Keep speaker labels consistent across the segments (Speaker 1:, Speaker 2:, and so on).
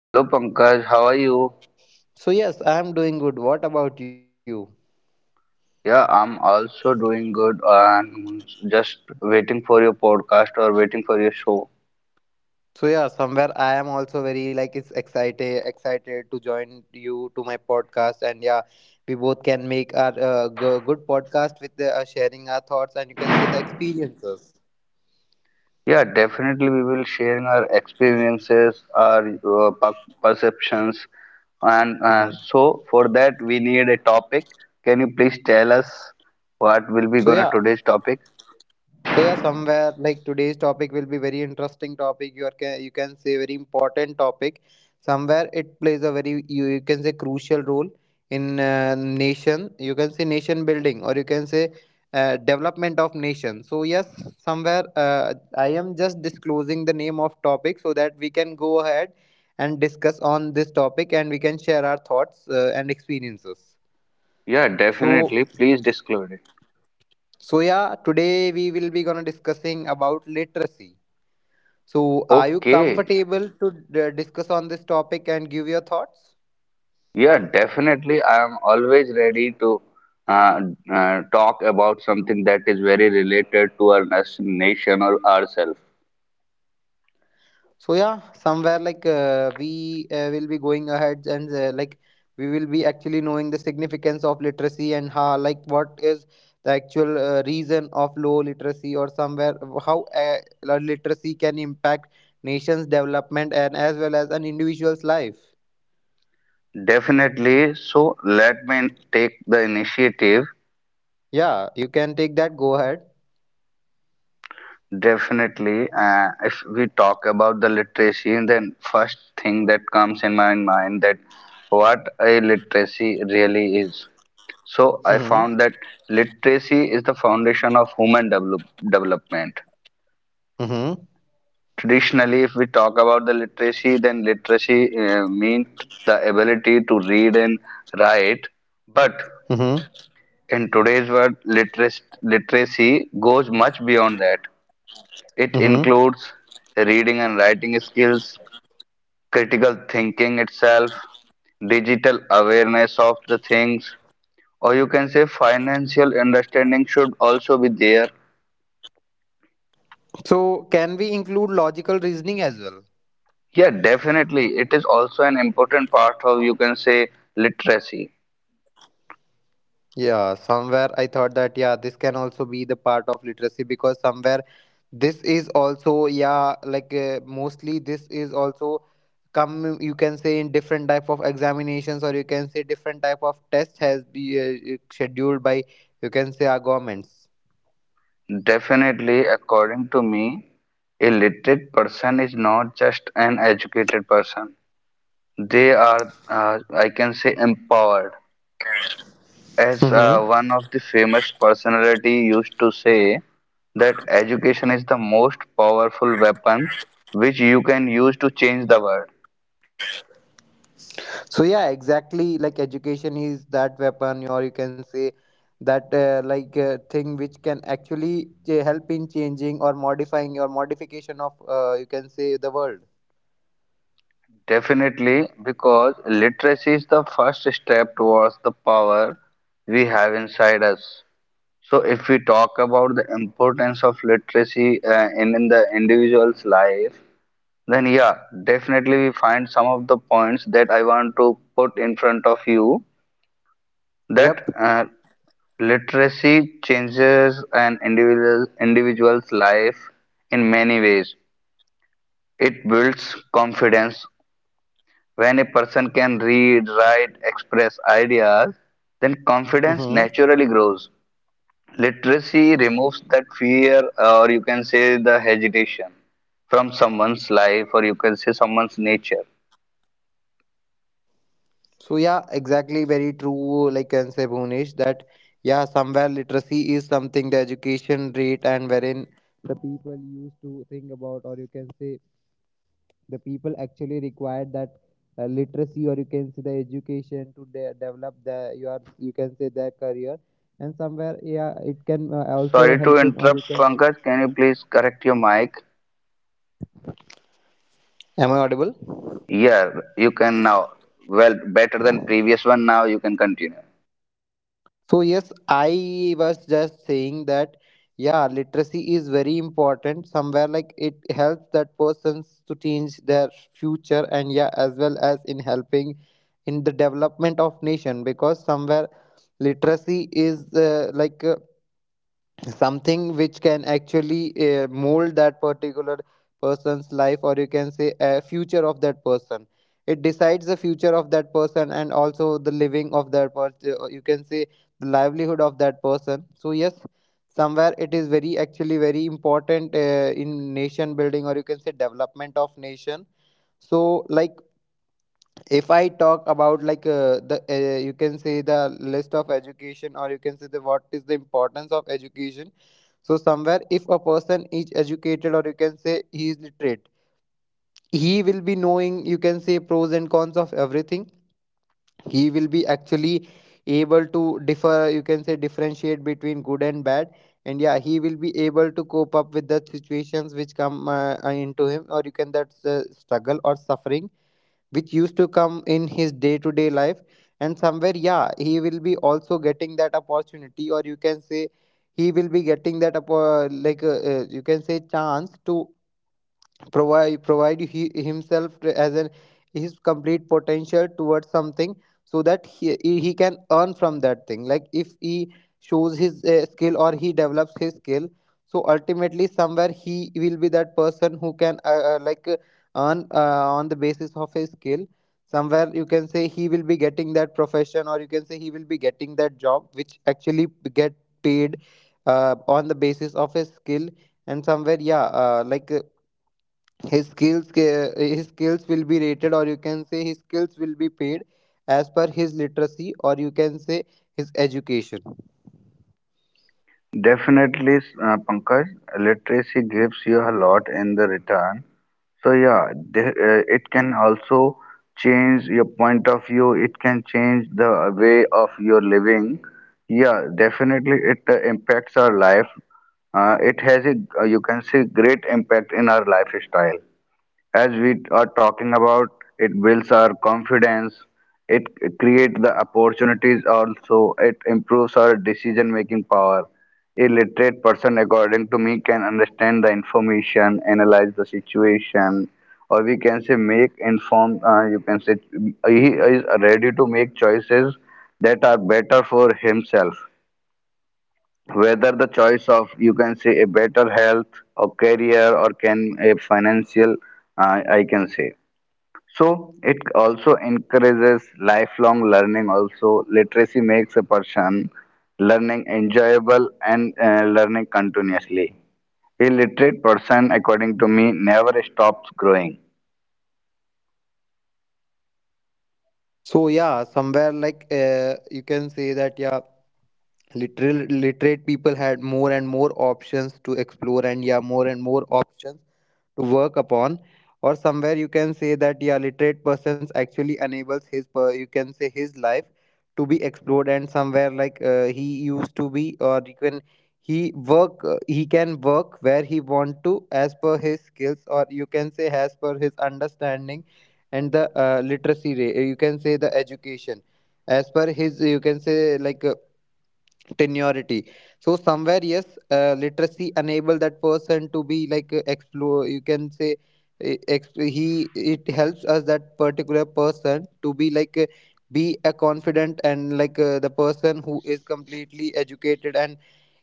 Speaker 1: Hello Pankaj, how are you?
Speaker 2: So yes, I am doing good. What about you?
Speaker 1: Yeah, I'm also doing good and just waiting for your podcast or waiting for your show.
Speaker 2: So yeah, somewhere I am also very like it's excited to join you to my podcast, and yeah, we both can make our good podcast with sharing our thoughts and you can say the experiences.
Speaker 1: Yeah, definitely we will sharing our experiences, our perceptions, and
Speaker 2: Hmm.
Speaker 1: so for that we need a topic. Can you please tell us what will be
Speaker 2: So
Speaker 1: gonna
Speaker 2: yeah,
Speaker 1: today's topic?
Speaker 2: So yeah, somewhere like today's topic will be very interesting topic. You are can you can say very important topic. Somewhere it plays a very you can say crucial role in nation. You can say nation building or you can say development of nation. So yes, somewhere I am just disclosing the name of topic so that we can go ahead and discuss on this topic and we can share our thoughts and experiences.
Speaker 1: Yeah,
Speaker 2: So
Speaker 1: definitely. Please disclose it.
Speaker 2: so yeah, today we will be gonna discussing about literacy. So, are you
Speaker 1: Okay.
Speaker 2: comfortable to discuss on this topic and give your thoughts?
Speaker 1: Yeah, definitely. I am always ready to uh, talk about something that is very related to our nation or ourselves.
Speaker 2: So, yeah, somewhere like we will be going ahead and like we will be actually knowing the significance of literacy, and how, like, what is the actual reason of low literacy, or somewhere how literacy can impact nation's development and as well as an individual's life.
Speaker 1: Definitely. So let me take the initiative.
Speaker 2: Yeah, you can take that. Go ahead.
Speaker 1: Definitely. If we talk about the literacy, then first thing that comes in my mind that what a literacy really is. So I
Speaker 2: Mm-hmm.
Speaker 1: found that literacy is the foundation of human development.
Speaker 2: Mm-hmm.
Speaker 1: Traditionally, if we talk about the literacy, then literacy means the ability to read and write. But
Speaker 2: Mm-hmm.
Speaker 1: in today's world, literacy goes much beyond that. It
Speaker 2: Mm-hmm.
Speaker 1: includes reading and writing skills, critical thinking itself, digital awareness of the things, or you can say financial understanding should also be there.
Speaker 2: So can we include logical reasoning as well?
Speaker 1: Yeah, definitely. It is also an important part of, you can say, literacy.
Speaker 2: Yeah, somewhere I thought that yeah, this can also be the part of literacy, because somewhere this is also yeah, like mostly this is also come you can say in different type of examinations, or you can say different type of test has be scheduled by you can say our governments.
Speaker 1: Definitely, according to me, a literate person is not just an educated person. They are, I can say, empowered. As
Speaker 3: Mm-hmm.
Speaker 1: one of the famous personality used to say, that education is the most powerful weapon which you can use to change the world.
Speaker 3: So yeah, exactly. Like, education is that weapon, or you can say that thing which can actually help in changing or modifying or modification of, you can say, the world.
Speaker 1: Definitely, because literacy is the first step towards the power we have inside us. So, if we talk about the importance of literacy in the individual's life, then yeah, definitely we find some of the points that I want to put in front of you that
Speaker 3: Yep.
Speaker 1: literacy changes an individual's life in many ways. It builds confidence. When a person can read, write, express ideas, then confidence
Speaker 3: Mm-hmm.
Speaker 1: naturally grows. Literacy removes that fear, or you can say the hesitation from someone's life, or you can say someone's nature.
Speaker 3: So yeah, exactly. Very true. Like, can say Bhunesh that yeah, somewhere literacy is something, the education rate, and wherein the people used to think about, or you can say the people actually required that literacy, or you can say the education, to develop the your, you can say, their career. And somewhere yeah, it can also
Speaker 1: Sorry to
Speaker 3: help in, or you
Speaker 1: interrupt,
Speaker 3: can,
Speaker 1: Pankaj. Can you please correct your mic?
Speaker 3: am I audible?
Speaker 1: Yeah, you can now. Well, better than previous one. Now you can continue.
Speaker 3: So yes, I was just saying that yeah, literacy is very important. Somewhere like, it helps that persons to change their future, and yeah, as well as in helping in the development of nation, because somewhere literacy is, something which can actually mold that particular person's life, or you can say a future of that person. It decides the future of that person, and also the living of that person, you can say the livelihood of that person. So yes, somewhere it is very, actually very important in nation building, or you can say development of nation. So like, if I talk about like, the you can say the list of education, or you can say the, what is the importance of education. So somewhere, if a person is educated, or you can say he is literate, he will be knowing, you can say, pros and cons of everything. He will be actually able to differ, you can say, differentiate between good and bad. And yeah, he will be able to cope up with the situations which come into him, or you can, that's struggle or suffering which used to come in his day to day life. And somewhere yeah, he will be also getting that opportunity, or you can say he will be getting that you can say chance to provide he, himself, as an his complete potential towards something, so that he can earn from that thing. Like if he shows his skill, or he develops his skill, so ultimately somewhere he will be that person who can, uh, like uh, earn on the basis of his skill. Somewhere you can say, he will be getting that profession, or you can say he will be getting that job which actually get paid on the basis of his skill. And somewhere yeah, his skills, his skills will be rated, or you can say his skills will be paid as per his literacy, or you can say his education.
Speaker 1: Definitely, Pankaj, literacy gives you a lot in the return. So yeah, it can also change your point of view. It can change the way of your living. Yeah, definitely, it impacts our life. It has a, you can say, great impact in our lifestyle as we are talking about, it builds our confidence, it creates the opportunities also, it improves our decision making power. A literate person, according to me, can understand the information, analyze the situation, or we can say make informed, you can say he is ready to make choices that are better for himself whether the choice of you can say a better health or career or can a financial I can say so it also encourages lifelong learning. Also, literacy makes a person learning enjoyable and learning continuously. A literate person, according to me, never stops growing.
Speaker 3: So yeah, somewhere like, you can say that yeah, literal literate people had more and more options to explore, and yeah, more and more options to work upon. Or somewhere you can say that yeah, literate persons actually enables his you can say his life to be explored. And somewhere like, he used to be, or you can, he work he can work where he want to, as per his skills, or you can say as per his understanding, and the literacy rate, you can say the education, as per his, you can say like, Tenuity. So somewhere, yes, literacy enable that person to be like, explore. You can say he, it helps us that particular person to be like, be a confident, and like, the person who is completely educated, and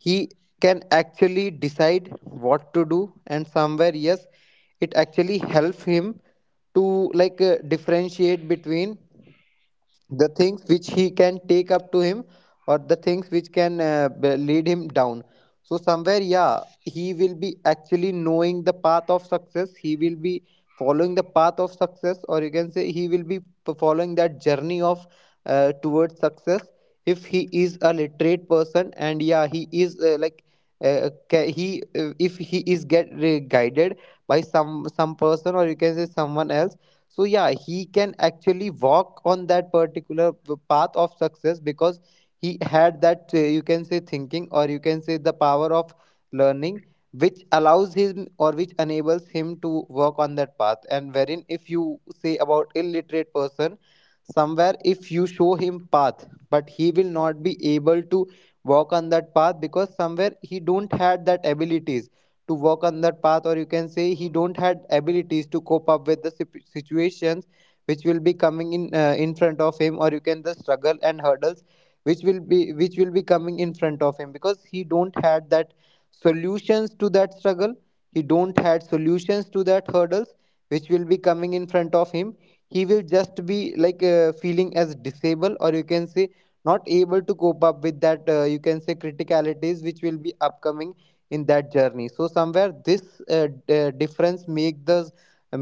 Speaker 3: he can actually decide what to do. And somewhere yes, it actually helps him to like, differentiate between the things which he can take up to him, or the things which can lead him down. So somewhere yeah, he will be actually knowing the path of success. He will be following the path of success, or you can say he will be following that journey of towards success, if he is a literate person. And yeah, he is he if he is get guided by some person, or you can say someone else, so yeah, he can actually walk on that particular path of success, because he had that you can say thinking, or you can say the power of learning, which allows him, or which enables him to work on that path. And wherein if you say about illiterate person, somewhere if you show him path, but he will not be able to walk on that path, because somewhere he don't had that abilities to walk on that path, or you can say he don't had abilities to cope up with the situations which will be coming in, in front of him, or you can, the struggle and hurdles which will be coming in front of him, because he don't had that solutions to that struggle. He don't had solutions to that hurdles which will be coming in front of him. He will just be like, feeling as disabled, or you can say not able to cope up with that you can say criticalities, which will be upcoming in that journey. So somewhere this difference make the,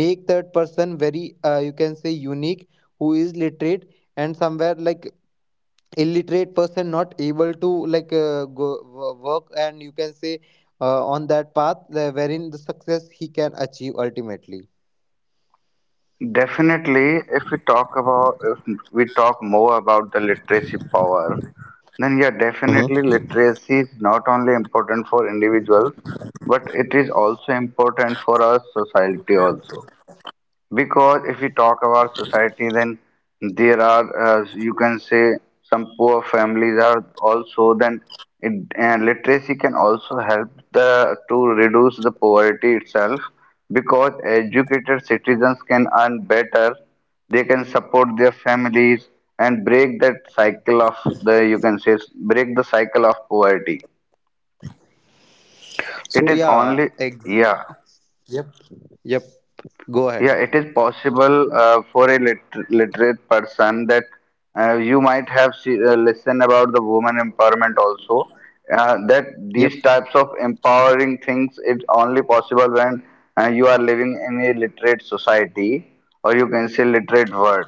Speaker 3: make that person very, you can say, unique, who is literate. And somewhere like, illiterate person not able to like, go work, and you can say on that path, wherein the success he can achieve ultimately.
Speaker 1: Definitely, if we talk about if we talk more about the literacy power, then yeah, definitely
Speaker 3: Mm-hmm.
Speaker 1: literacy is not only important for individuals, but it is also important for our society also. Because if we talk about society, then there are, you can say, some poor families are also, then it, and literacy can also help the to reduce the poverty itself. Because educated citizens can earn better, they can support their families and break that cycle of the, you can say, break the cycle of poverty. It
Speaker 3: So
Speaker 1: is
Speaker 3: yeah,
Speaker 1: only, yeah.
Speaker 3: yep, yep, go
Speaker 1: Yeah,
Speaker 3: ahead.
Speaker 1: it is possible for a literate person that you might have listened about the woman empowerment also. That
Speaker 3: Yep.
Speaker 1: these types of empowering things it's only possible when you are living in a literate society or you can say literate world.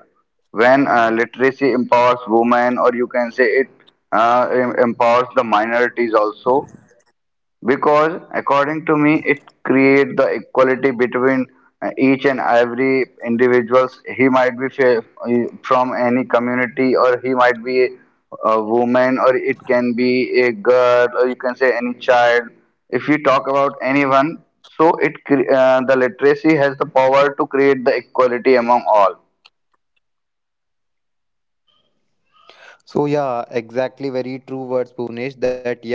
Speaker 1: When literacy empowers women or you can say it empowers the minorities also because, according to me, it creates the equality between each and every individuals. He might be from any community, or he might be a woman, or it can be a girl, or you can say any child. If you talk about anyone, so it the literacy has the power to create the equality among all.
Speaker 3: So yeah, exactly, very true words, Bhuvnesh, that yeah,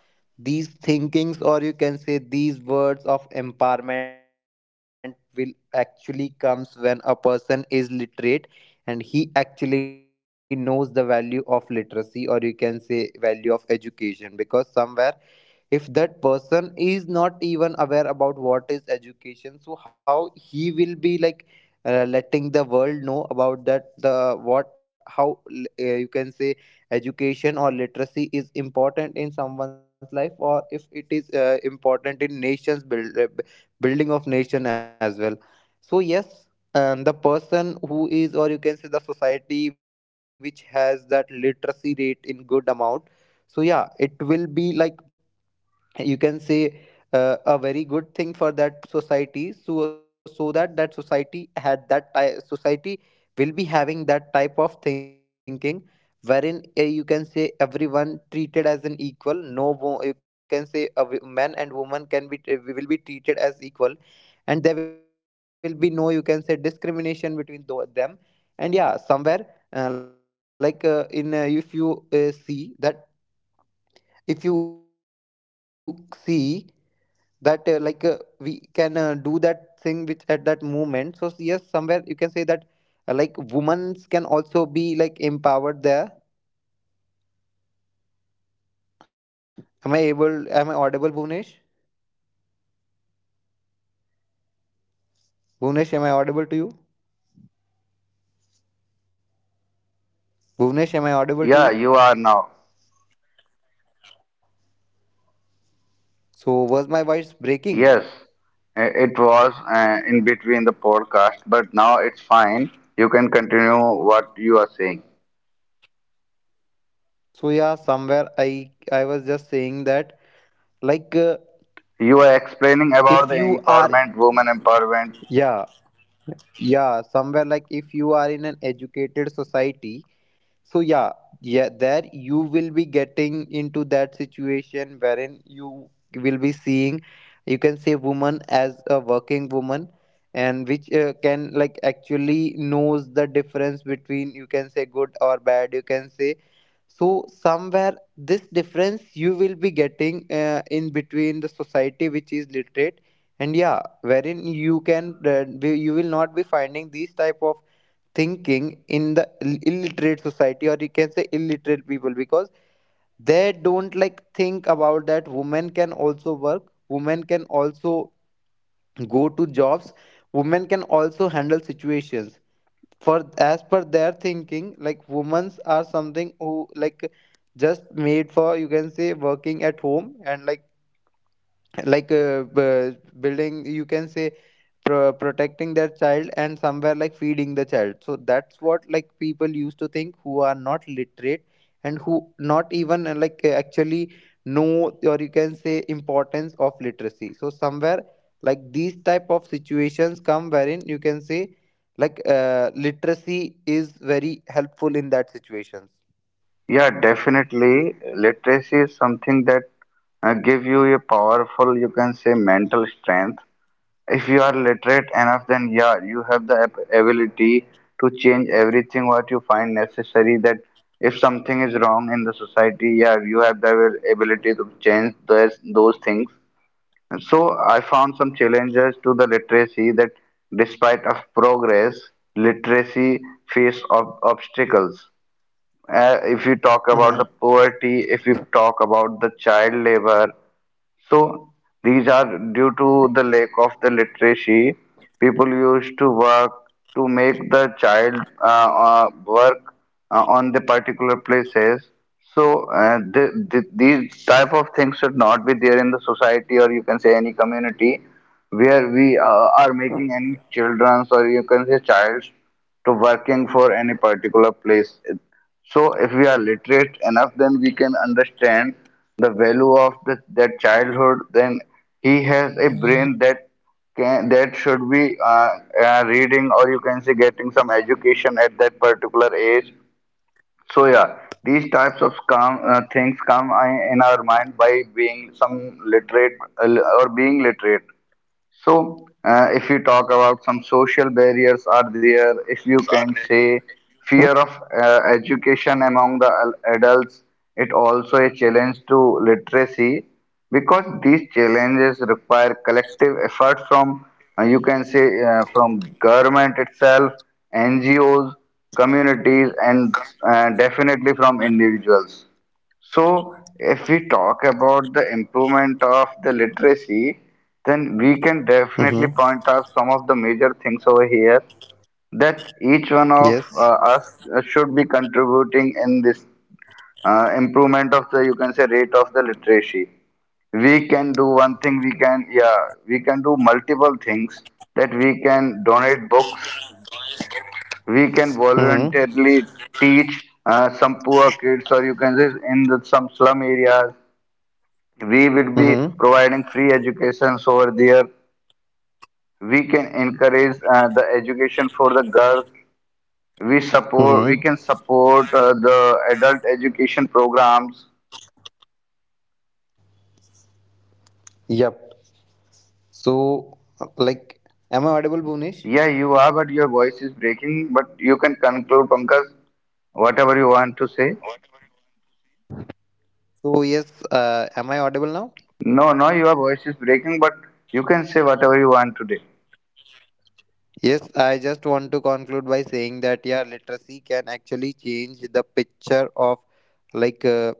Speaker 3: these thinkings, or you can say these words of empowerment will actually comes when a person is literate, and he actually knows the value of literacy, or you can say value of education. Because somewhere, if that person is not even aware about what is education, so how he will be like, letting the world know about that, the what, how, you can say education or literacy is important in someone's life, or if it is important in nations building of nation as well. So yes, and the person who is, or you can say the society which has that literacy rate in good amount, so yeah, it will be like, you can say, a very good thing for that society. So that that society had that society will be having that type of thinking, wherein, you can say, everyone treated as an equal. No you can say, a man and woman can be will be treated as equal, and there will be no, you can say, discrimination between them. And yeah, somewhere in if you see that, if you see that we can do that thing which at that moment. So yes, somewhere you can say that like, women can also be like empowered there. Am I able, am I audible, Bhuvnesh? Bhuvnesh, am I audible to you? Bhuvnesh, am I audible to
Speaker 1: Yeah,
Speaker 3: you?
Speaker 1: you are now.
Speaker 3: So, was my voice breaking?
Speaker 1: Yes, it was in between the podcast, but now it's fine. You can continue what you are saying.
Speaker 3: So yeah, somewhere I was just saying that like,
Speaker 1: You were explaining
Speaker 3: if
Speaker 1: about the
Speaker 3: you are,
Speaker 1: empowerment, women empowerment.
Speaker 3: yeah, yeah, somewhere like, if you are in an educated society. So yeah, yeah, there you will be getting into that situation wherein you will be seeing, you can say, woman as a working woman, and which can like actually knows the difference between, you can say, good or bad. You can say, so somewhere this difference you will be getting in between the society which is literate. And yeah, wherein you can you will not be finding these type of thinking in the illiterate society, or you can say illiterate people, because they don't like think about that women can also work, women can also go to jobs, women can also handle situations, for, as per their thinking, like women's are something who like just made for, you can say, working at home, and like, building, you can say, protecting their child, and somewhere like feeding the child. So that's what like people used to think who are not literate, and who not even actually know, or you can say, importance of literacy. So somewhere like, these type of situations come wherein you can say like, literacy is very helpful in that situations.
Speaker 1: Yeah, definitely. Literacy is something that give you a powerful, you can say, mental strength. If you are literate enough, then yeah, you have the ability to change everything what you find necessary. That if something is wrong in the society, yeah, you have the ability to change those things. And so I found some challenges to the literacy that despite of progress, literacy face obstacles. If you talk about the
Speaker 3: Mhm.
Speaker 1: poverty, if you talk about the child labor, so these are due to the lack of the literacy. People used to work to make the child work on the particular places. So th th these type of things should not be there in the society or you can say any community where we are making any childrens or you can say childs to working for any particular place. So if we are literate enough, then we can understand the value of the, that childhood. Then he has a brain that can that should be reading or you can say getting some education at that particular age. So yeah, these types of things come in our mind by being some literate uh, or being literate. So, if you talk about some social barriers are there, if you can say fear of education among the adults, it also a challenge to literacy because these challenges require collective effort from you can say from government itself, NGOs, communities, and definitely from individuals. So, if we talk about the improvement of the literacy, then we can definitely
Speaker 3: Mhm.
Speaker 1: point out some of the major things over here that each one of
Speaker 3: Yes.
Speaker 1: us should be contributing in this improvement of the you can say rate of the literacy. We can do one thing. We can we can do multiple things that we can donate books. We can
Speaker 3: Mm-hmm.
Speaker 1: voluntarily teach some poor kids or you can say in the, some slum areas we will be
Speaker 3: Mm-hmm.
Speaker 1: providing free educations over there. We can encourage the education for the girls. We support we
Speaker 3: Mm-hmm.
Speaker 1: can support the adult education programs.
Speaker 3: Yep. So, like, am I audible, Bhuvnesh?
Speaker 1: Yeah, you are, but your voice is breaking, but you can conclude, Pankaj, whatever you want to say.
Speaker 3: So, yes, am I audible now?
Speaker 1: No, no, your voice is breaking, but you can say whatever you want today.
Speaker 3: Yes, I just want to conclude by saying that, yeah, literacy can actually change the picture of, like, uh,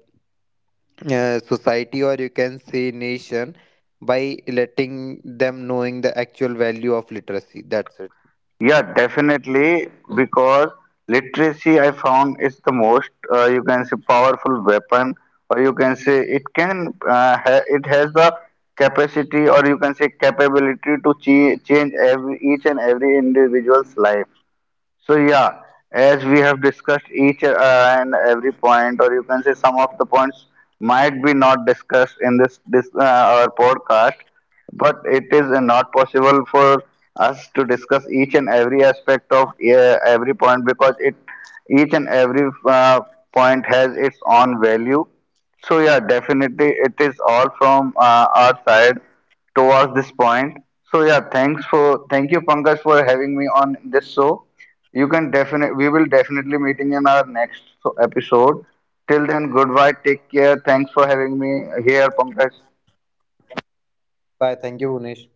Speaker 3: uh, society, or you can say nation, by letting them knowing the actual value of literacy. That's it.
Speaker 1: Yeah, definitely, because literacy I found is the most you can say powerful weapon, or you can say it can it has the capacity, or you can say capability to change every, each and every individual's life. So yeah, as we have discussed each and every point, or you can say some of the points might be not discussed in this our podcast, but it is not possible for us to discuss each and every aspect of every point because it each and every point has its own value. So yeah, definitely it is all from our side towards this point. So yeah, thank you Pankaj for having me on this show. We will definitely meeting in our next episode. Till then, goodbye. Take care. Thanks for having me here, Pankaj.
Speaker 3: Bye. Thank you, Bhuvnesh.